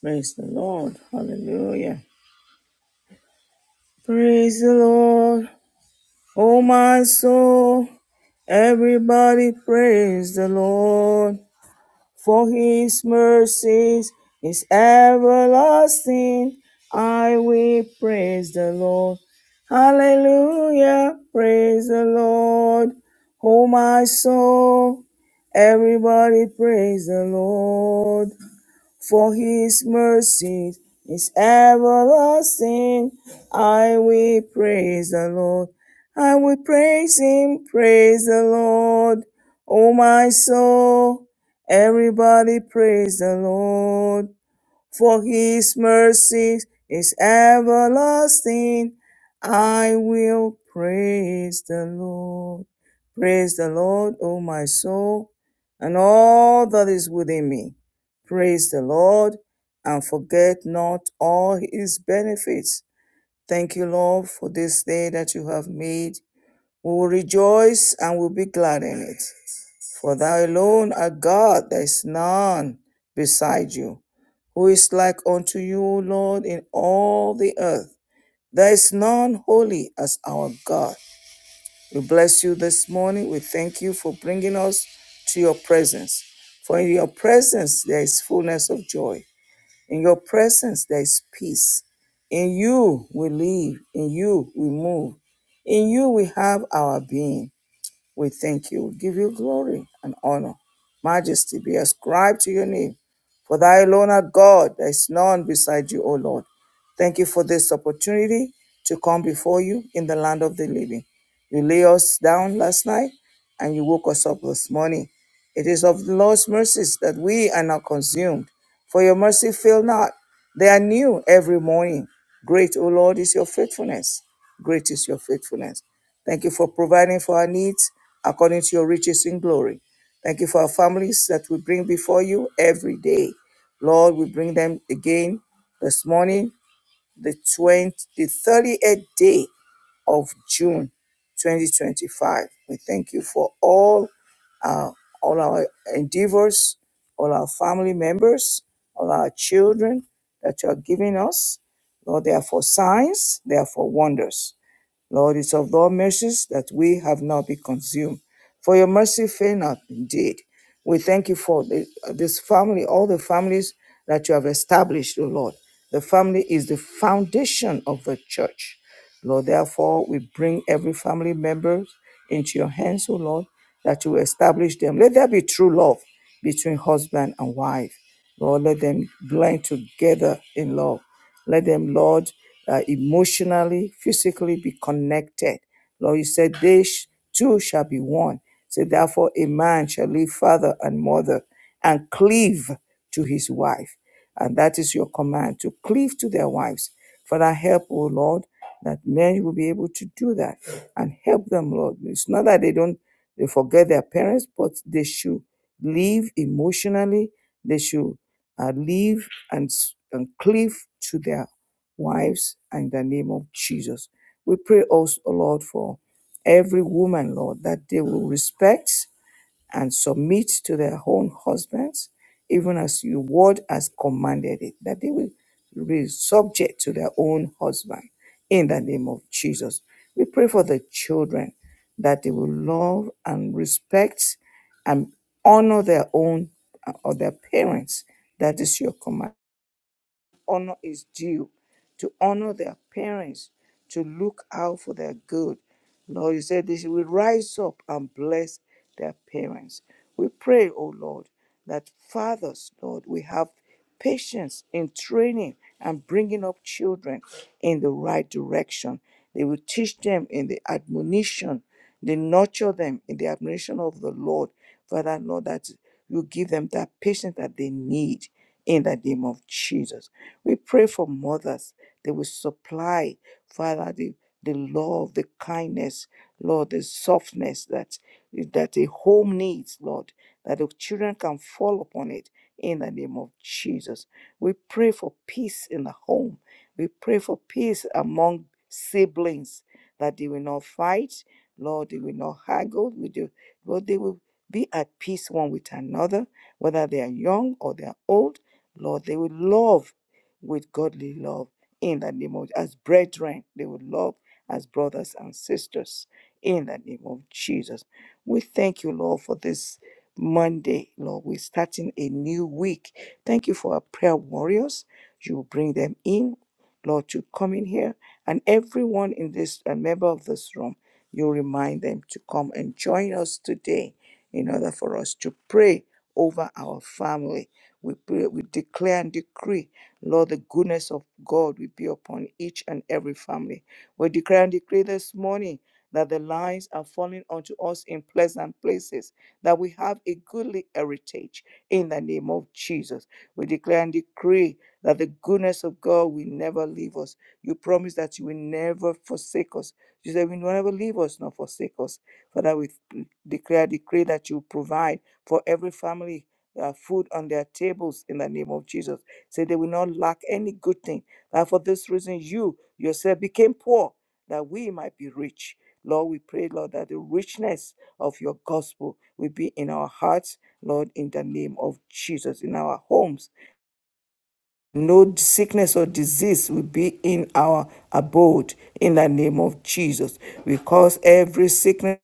Praise the Lord. Hallelujah. Praise the Lord. Oh, my soul. Everybody praise the Lord. For his mercies is everlasting. I will praise the Lord. Hallelujah. Praise the Lord. Oh, my soul. Everybody praise the Lord. for his mercy is everlasting. I will praise the Lord. I will praise him, praise the Lord. Oh my soul, everybody praise the Lord for his mercy is everlasting. I will praise the Lord. Praise the Lord, O my soul, and all that is within me. Praise the Lord, and forget not all his benefits. Thank you, Lord, for this day that you have made. We will rejoice and will be glad in it. For thou alone art God, there is none beside you. Who is like unto you, O Lord, in all the earth? There is none holy as our God. We bless you this morning. We thank you for bringing us to your presence. For in your presence there is fullness of joy. In your presence there is peace. In you we live. In you we move. In you we have our being. We thank you. We give you glory and honor. Majesty be ascribed to your name. For thy alone art God, there is none beside you, O Lord. Thank you for this opportunity to come before you in the land of the living. You lay us down last night and you woke us up this morning. It is of the Lord's mercies that we are not consumed. For your mercy fail not. They are new every morning. Great, O Lord, is your faithfulness. Great is your faithfulness. Thank you for providing for our needs according to your riches in glory. Thank you for our families that we bring before you every day. Lord, we bring them again this morning, the 20, the 38th day of June 2025. We thank you for all our, all our endeavors, all our family members, all our children that you are giving us. Lord, they are for signs, they are for wonders. Lord, it's of thy mercies that we have not been consumed. For your mercy fail not indeed. We thank you for the- this family, all the families that you have established, O Lord. The family is the foundation of the church. Lord, therefore, we bring every family member into your hands, O Lord, that you establish them. Let there be true love between husband and wife. Lord, let them blend together in love. Let them, Lord, uh, emotionally, physically be connected. Lord, you said they sh- two shall be one. So therefore, a man shall leave father and mother and cleave to his wife. And that is your command to cleave to their wives. Father, help, O Lord, that men will be able to do that and help them, Lord. It's not that they don't they forget their parents, but they should live emotionally. They should uh, live and, and cleave to their wives in the name of Jesus. We pray also, O Lord, for every woman, Lord, that they will respect and submit to their own husbands, even as your word has commanded it, that they will be subject to their own husband in the name of Jesus. We pray for the children that they will love and respect and honor their own uh, or their parents. That is your command honor is due, to honor their parents, to look out for their good. Lord, you said this will rise up and bless their parents. We pray, O Lord, that fathers, Lord, we have patience in training and bringing up children in the right direction. They will teach them in the admonition they nurture them in the admiration of the Lord. Father, Lord, that you give them that patience that they need in the name of Jesus. We pray for mothers. They will supply, Father, the, the love, the kindness, Lord, the softness that, that a home needs, Lord, that the children can fall upon it in the name of Jesus. We pray for peace in the home. We pray for peace among siblings that they will not fight, Lord, they will not haggle with you. Lord, they will be at peace one with another, whether they are young or they are old. Lord, they will love with godly love in the name of as brethren. They will love as brothers and sisters in the name of Jesus. We thank you, Lord, for this Monday, Lord. We're starting a new week. Thank you for our prayer warriors. You bring them in, Lord, to come in here and everyone in this, a member of this room you remind them to come and join us today in order for us to pray over our family. We pray, we declare and decree, Lord, the goodness of God will be upon each and every family. We declare and decree this morning that the lines are falling onto us in pleasant places, that we have a goodly heritage in the name of Jesus. We declare and decree that the goodness of God will never leave us. You promise that you will never forsake us she said, You will never leave us nor forsake us. Father, we declare, decree that you provide for every family uh, food on their tables in the name of Jesus. Say they will not lack any good thing. And for this reason, you yourself became poor that we might be rich. Lord, we pray, Lord, that the richness of your gospel will be in our hearts, Lord, in the name of Jesus, in our homes, no sickness or disease will be in our abode in the name of Jesus. We cause every sickness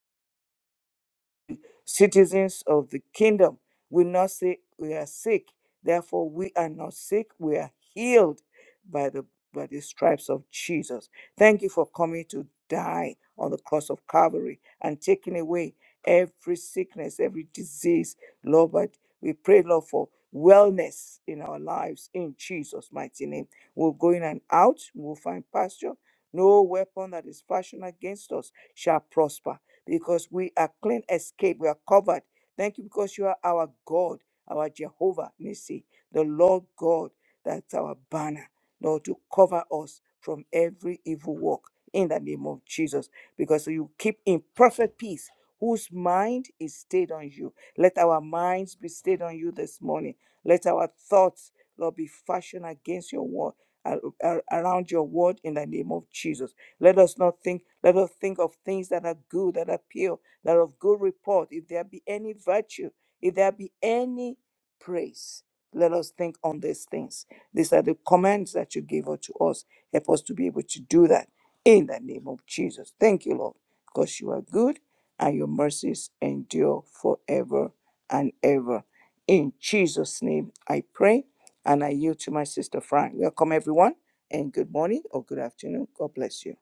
Citizens of the kingdom will not say we are sick. Therefore, we are not sick. We are healed by the by the stripes of Jesus. Thank you for coming to die on the cross of Calvary and taking away every sickness, every disease. Lord, but we pray, Lord, for wellness in our lives in Jesus' mighty name. We'll go in and out. We'll find pasture. No weapon that is fashioned against us shall prosper because we are clean escape. We are covered. Thank you because you are our God, our Jehovah, Nissi. The Lord God, that's our banner, Lord, to cover us from every evil work in the name of Jesus. Because you keep in perfect peace whose mind is stayed on you. Let our minds be stayed on you this morning. Let our thoughts, Lord, be fashioned against your word. ar- ar- Around your word in the name of Jesus. Let us not think, let us think of things that are good, that are pure, that are of good report. If there be any virtue, if there be any praise. Let us think on these things. These are the commands that you gave unto us. Help us to be able to do that in the name of Jesus. Thank you, Lord, because you are good and your mercies endure forever and ever. In Jesus' name, I pray and I yield to my sister Fran. Welcome, everyone, and good morning or good afternoon. God bless you.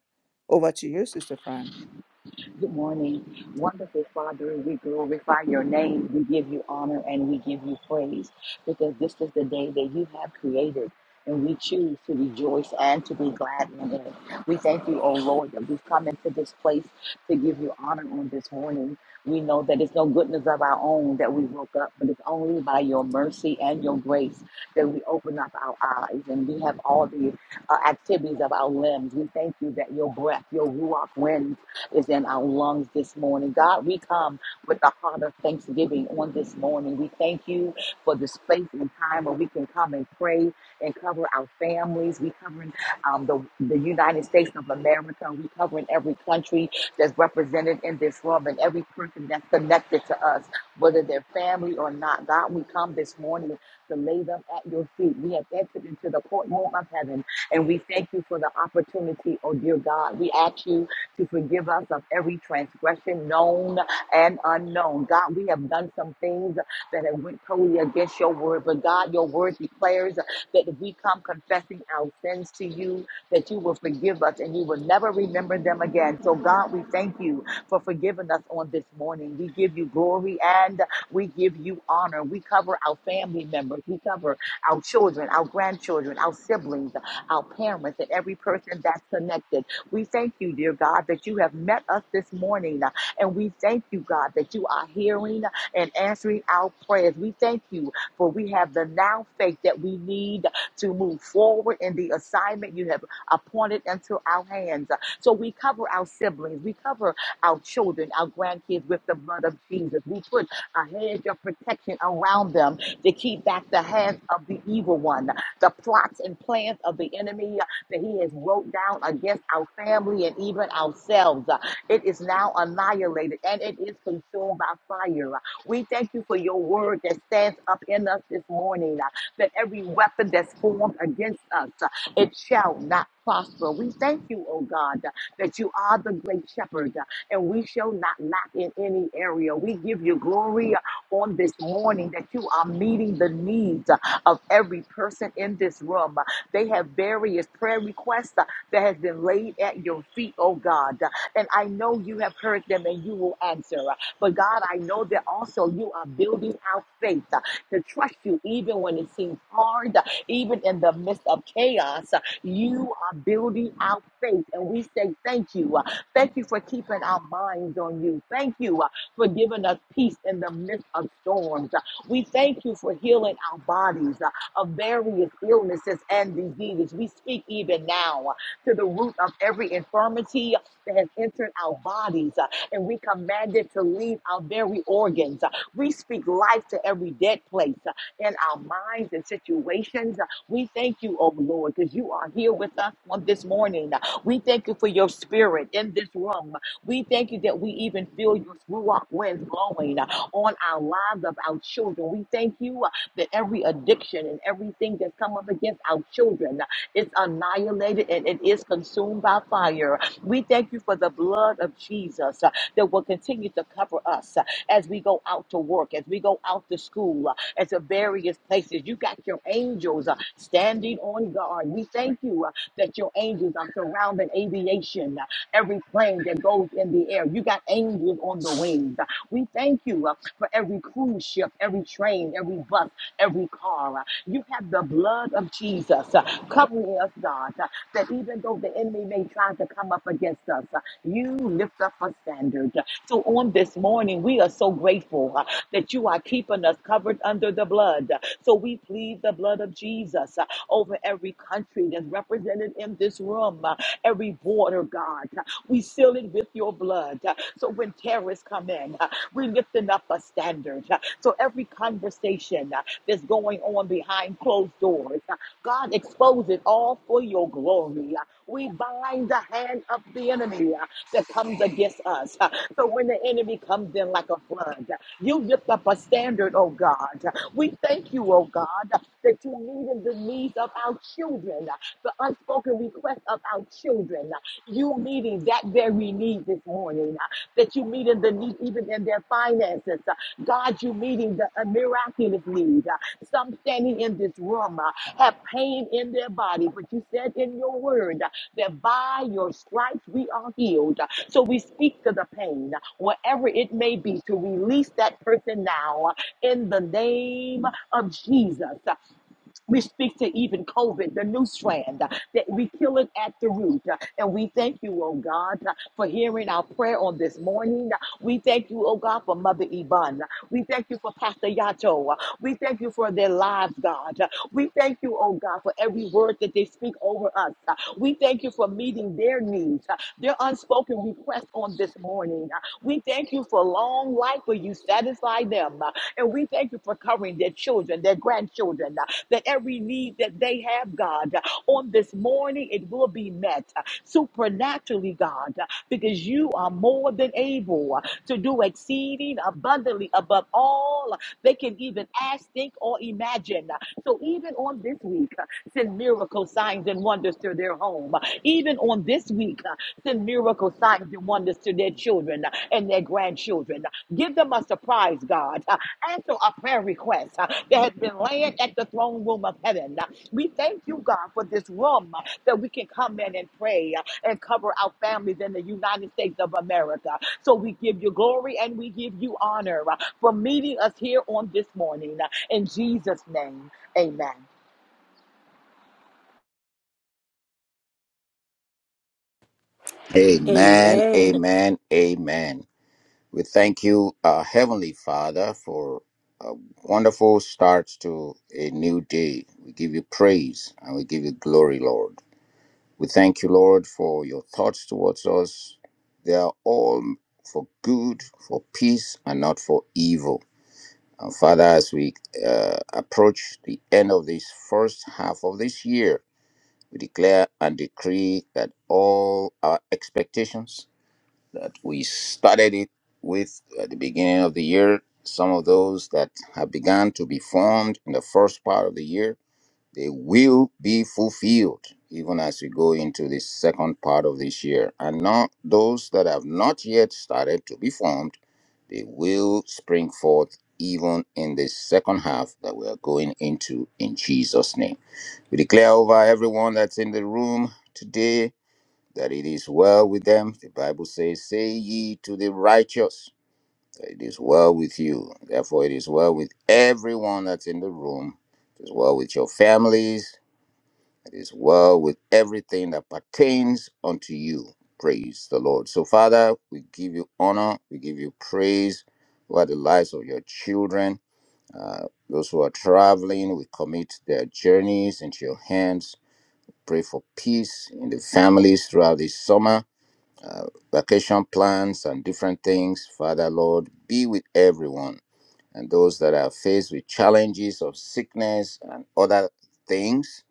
Over to you, Sister Fran. Good morning. Wonderful Father, we glorify your name. We give you honor and we give you praise because this is the day that you have created and we choose to rejoice and to be glad in it. We thank you, O Lord, that we've come into this place to give you honor on this morning. We know that it's no goodness of our own that we woke up, but it's only by your mercy and your grace that we open up our eyes and we have all the uh, activities of our limbs. We thank you that your breath, your ruach wind, is in our lungs this morning. God, we come with the heart of thanksgiving on this morning. We thank you for this space and time where we can come and pray and cover our families. We covering um, the, the United States of America. We covering every country that's represented in this room and every person that's connected to us, whether they're family or not. God, we come this morning to lay them at your feet. We have entered into the courtroom of heaven and we thank you for the opportunity, oh dear God. We ask you to forgive us of every transgression known and unknown. God, we have done some things that have went totally against your word, but God, your word declares that if we come confessing our sins to you, that you will forgive us and you will never remember them again. So God, we thank you for forgiving us on this morning. We give you glory and we give you honor. We cover our family members. We cover our children, our grandchildren, our siblings, our parents, and every person that's connected. We thank you, dear God, that you have met us this morning. uh, And we thank you, God, that you are hearing and answering our prayers. We thank you for we have the now faith that we need to move forward in the assignment you have appointed into our hands. So we cover our siblings, we cover our children, our grandkids with the blood of Jesus. We put a hedge of protection around them to keep back the hands of the evil one, the plots and plans of the enemy that He has wrote down against our family and even ourselves. Uh, It is now annihilated and it is consumed by fire. Uh, We thank you for your word that stands up in us this morning, uh, that every weapon that's formed against us, uh, it shall not prosper. We thank you, oh God, uh, that you are the great shepherd uh, and we shall not lack in any area. We give you glory uh, on this morning that you are meeting the needs uh, of every person in this room. They have various prayer requests uh, that has been laid at your feet, oh God. Uh, And I know you have heard them and you will answer. But God, I know that also you are building our faith uh, to trust you even when it seems hard, uh, even in the midst of chaos. uh, You are building our faith, and we say thank you. uh, Thank you for keeping our minds on you. Thank you uh, for giving us peace in the midst of storms. Uh, We thank you for healing our bodies uh, of various illnesses and diseases. We speak even now. uh, to the root of every infirmity that has entered our bodies. uh, And we command it to leave our very organs. Uh, We speak life to every dead place uh, in our minds and situations. Uh, We thank you, oh Lord, because you are here with us on this morning. Uh, We thank you for your spirit in this room. Uh, We thank you that we even feel your ruach winds blowing uh, on our lives of our children. We thank you uh, that every addiction and everything that's come up against our children. uh, is annihilated and it is consumed by fire. We thank you for the blood of Jesus uh, that will continue to cover us uh, as we go out to work, as we go out to school, uh, as to various places. You got your angels uh, standing on guard. We thank you uh, that your angels are surrounding aviation, uh, every plane that goes in the air. You got angels on the wings. We thank you uh, for every cruise ship, every train, every bus, every car. You have the blood of Jesus uh, covering us, God, uh, that even though the enemy may try to come up against us, uh, you lift up a standard. So on this morning, we are so grateful uh, that you are keeping us covered under the blood. So we plead the blood of Jesus uh, over every country that's represented in this room, uh, every border, God. We seal it with your blood. So when terrorists come in, uh, we're lifting up a standard. Uh, So every conversation uh, that's going on behind closed doors, uh, God expose it all for your glory. Uh, We bind the hand of the enemy uh, that comes against us. Uh, So when the enemy comes in like a flood, uh, you lift up a standard, oh God. Uh, We thank you, oh God, uh, that you meet in the needs of our children, uh, the unspoken requests of our children. Uh, You meeting that very need this morning, uh, that you meeting the need even in their finances. Uh, God, you meeting the a miraculous need. Uh, Some standing in this room uh, have pain in their body, but you said in your word uh, that by your stripes we are healed. Uh, So we speak to the pain, uh, wherever it may be, to release that person now uh, in the name of Jesus. uh, we speak to even COVID, the new strand, uh, that we kill it at the root. uh, And we thank you, oh God, uh, for hearing our prayer on this morning. Uh, We thank you, oh God, for Mother Iban. Uh, We thank you for Pastor Yato. Uh, We thank you for their lives, God. Uh, We thank you, oh God, for every word that they speak over us. Uh, We thank you for meeting their needs, uh, their unspoken requests on this morning. Uh, We thank you for long life where you satisfy them. Uh, and we thank you for covering their children, their grandchildren, uh, that every need that they have, God, uh, on this morning, it will be met uh, supernaturally, God, uh, because you are more than able uh, to do exceeding abundantly above all they can even ask, think, or imagine. Uh, So even on this week, uh, send miracle signs and wonders to their home. Uh, Even on this week, uh, send miracle signs and wonders to their children uh, and their grandchildren. Uh, Give them a surprise, God answer a prayer request uh, that has been laying at the throne room of heaven. Uh, We thank you, God, for this room uh, that we can come in and pray uh, and cover our families in the United States of America. So we give you glory and we give you honor uh, for meeting us here on this morning. Uh, In Jesus' name, amen. Amen, Amen. amen, amen. We thank you, uh, Heavenly Father, for a wonderful start to a new day. We give you praise and we give you glory, Lord. We thank you, Lord, for your thoughts towards us. They are all for good, for peace, and not for evil. And Father, as we uh, approach the end of this first half of this year, we declare and decree that all our expectations that we started it with at the beginning of the year. Some of those that have begun to be formed in the first part of the year, they will be fulfilled even as we go into the second part of this year. And not those that have not yet started to be formed, they will spring forth even in the second half that we are going into in Jesus' name. We declare over everyone that's in the room today that it is well with them. The Bible says, Say ye to the righteous, that it is well with you. Therefore, it is well with everyone that's in the room. It is well with your families. It is well with everything that pertains unto you. Praise the Lord. So, Father, we give you honor. We give you praise for the lives of your children. Uh, those who are traveling, we commit their journeys into your hands. Pray for peace in the families throughout this summer uh, vacation plans and different things. Father, Lord, be with everyone and those that are faced with challenges of sickness and other things.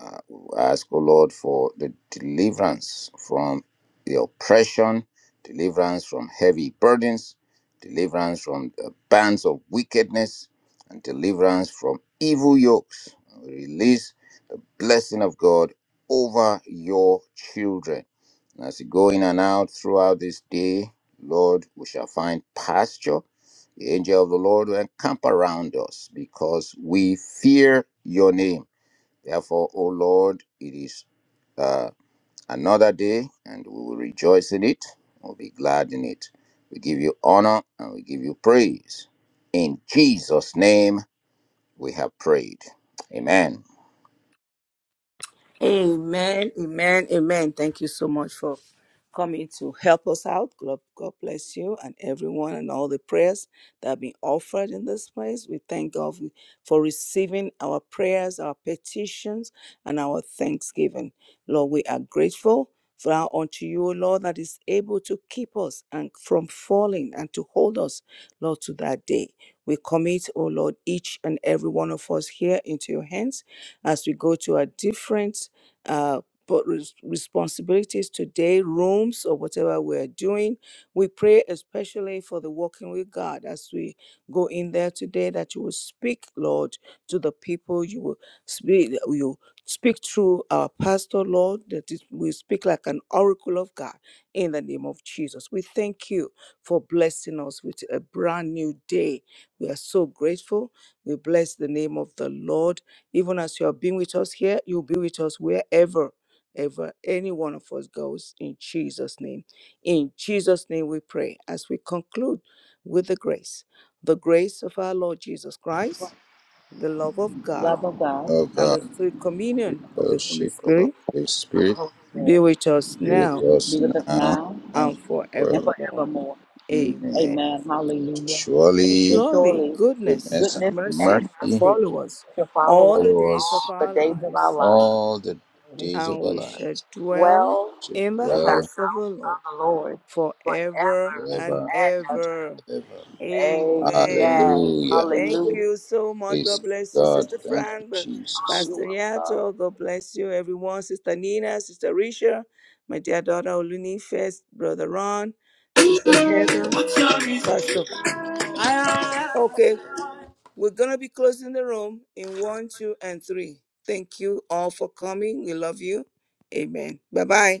Uh, we ask, O Lord, for the deliverance from the oppression, deliverance from heavy burdens, deliverance from the bands of wickedness, and deliverance from evil yokes. We Release blessing of God over your children. And as you go in and out throughout this day, Lord, we shall find pasture. The angel of the Lord will encamp around us because we fear your name. Therefore, O Lord, it is uh, another day and we will rejoice in it. We'll be glad in it. We give you honor and we give you praise. In Jesus' name, we have prayed. Amen. Amen, amen, amen. Thank you so much for coming to help us out. God, God bless you and everyone and all the prayers that have been offered in this place. We thank God for receiving our prayers, our petitions, and our thanksgiving. Lord, we are grateful for our unto you, O Lord, that is able to keep us and from falling and to hold us, Lord, to that day. We commit, O Lord, each and every one of us here into your hands as we go to our different uh, but res- responsibilities today, rooms or whatever we're doing. We pray especially for the walking with God as we go in there today that you will speak, Lord, to the people. You will speak, you speak through our pastor, Lord, that it, we speak like an oracle of God in the name of Jesus. We thank you for blessing us with a brand new day. We are so grateful. We bless the name of the Lord even as you have been with us here, you'll be with us wherever, ever any one of us goes in Jesus' name. In Jesus' name we pray as we conclude with the grace. The grace of our Lord Jesus Christ, the love of God, Love of God, Oh and God. the sweet communion of the Holy fellowship of the Spirit Holy the Spirit Holy be Spirit, with us be with now be us with us now now and and and forever. forevermore. forevermore. Amen. Amen. Amen. Hallelujah. And And Surely surely surely goodness goodness and and goodness mercy and shall mercy mercy follow us shall follow all us the follow days all of us the our days of our lives lives. all the we days of and our we shall lives. dwell dwell We Should in the in the dwell house of the Lord house of the Lord forever and forever forever and ever. ever. and ever. Amen. Amen. Hallelujah. Thank Hallelujah. you so much. Praise God bless you, God. Sister Thank you, Fran, but Jesus. Oh, you're Pastor welcome. Nyato. God bless you, everyone. Sister Nina, Sister Risha, my dear daughter Olunife, Brother Ron, Sister Heather, Pastor. Okay, we're going to be closing the room in one, two, and three. Thank you all for coming. We love you. Amen. Bye bye.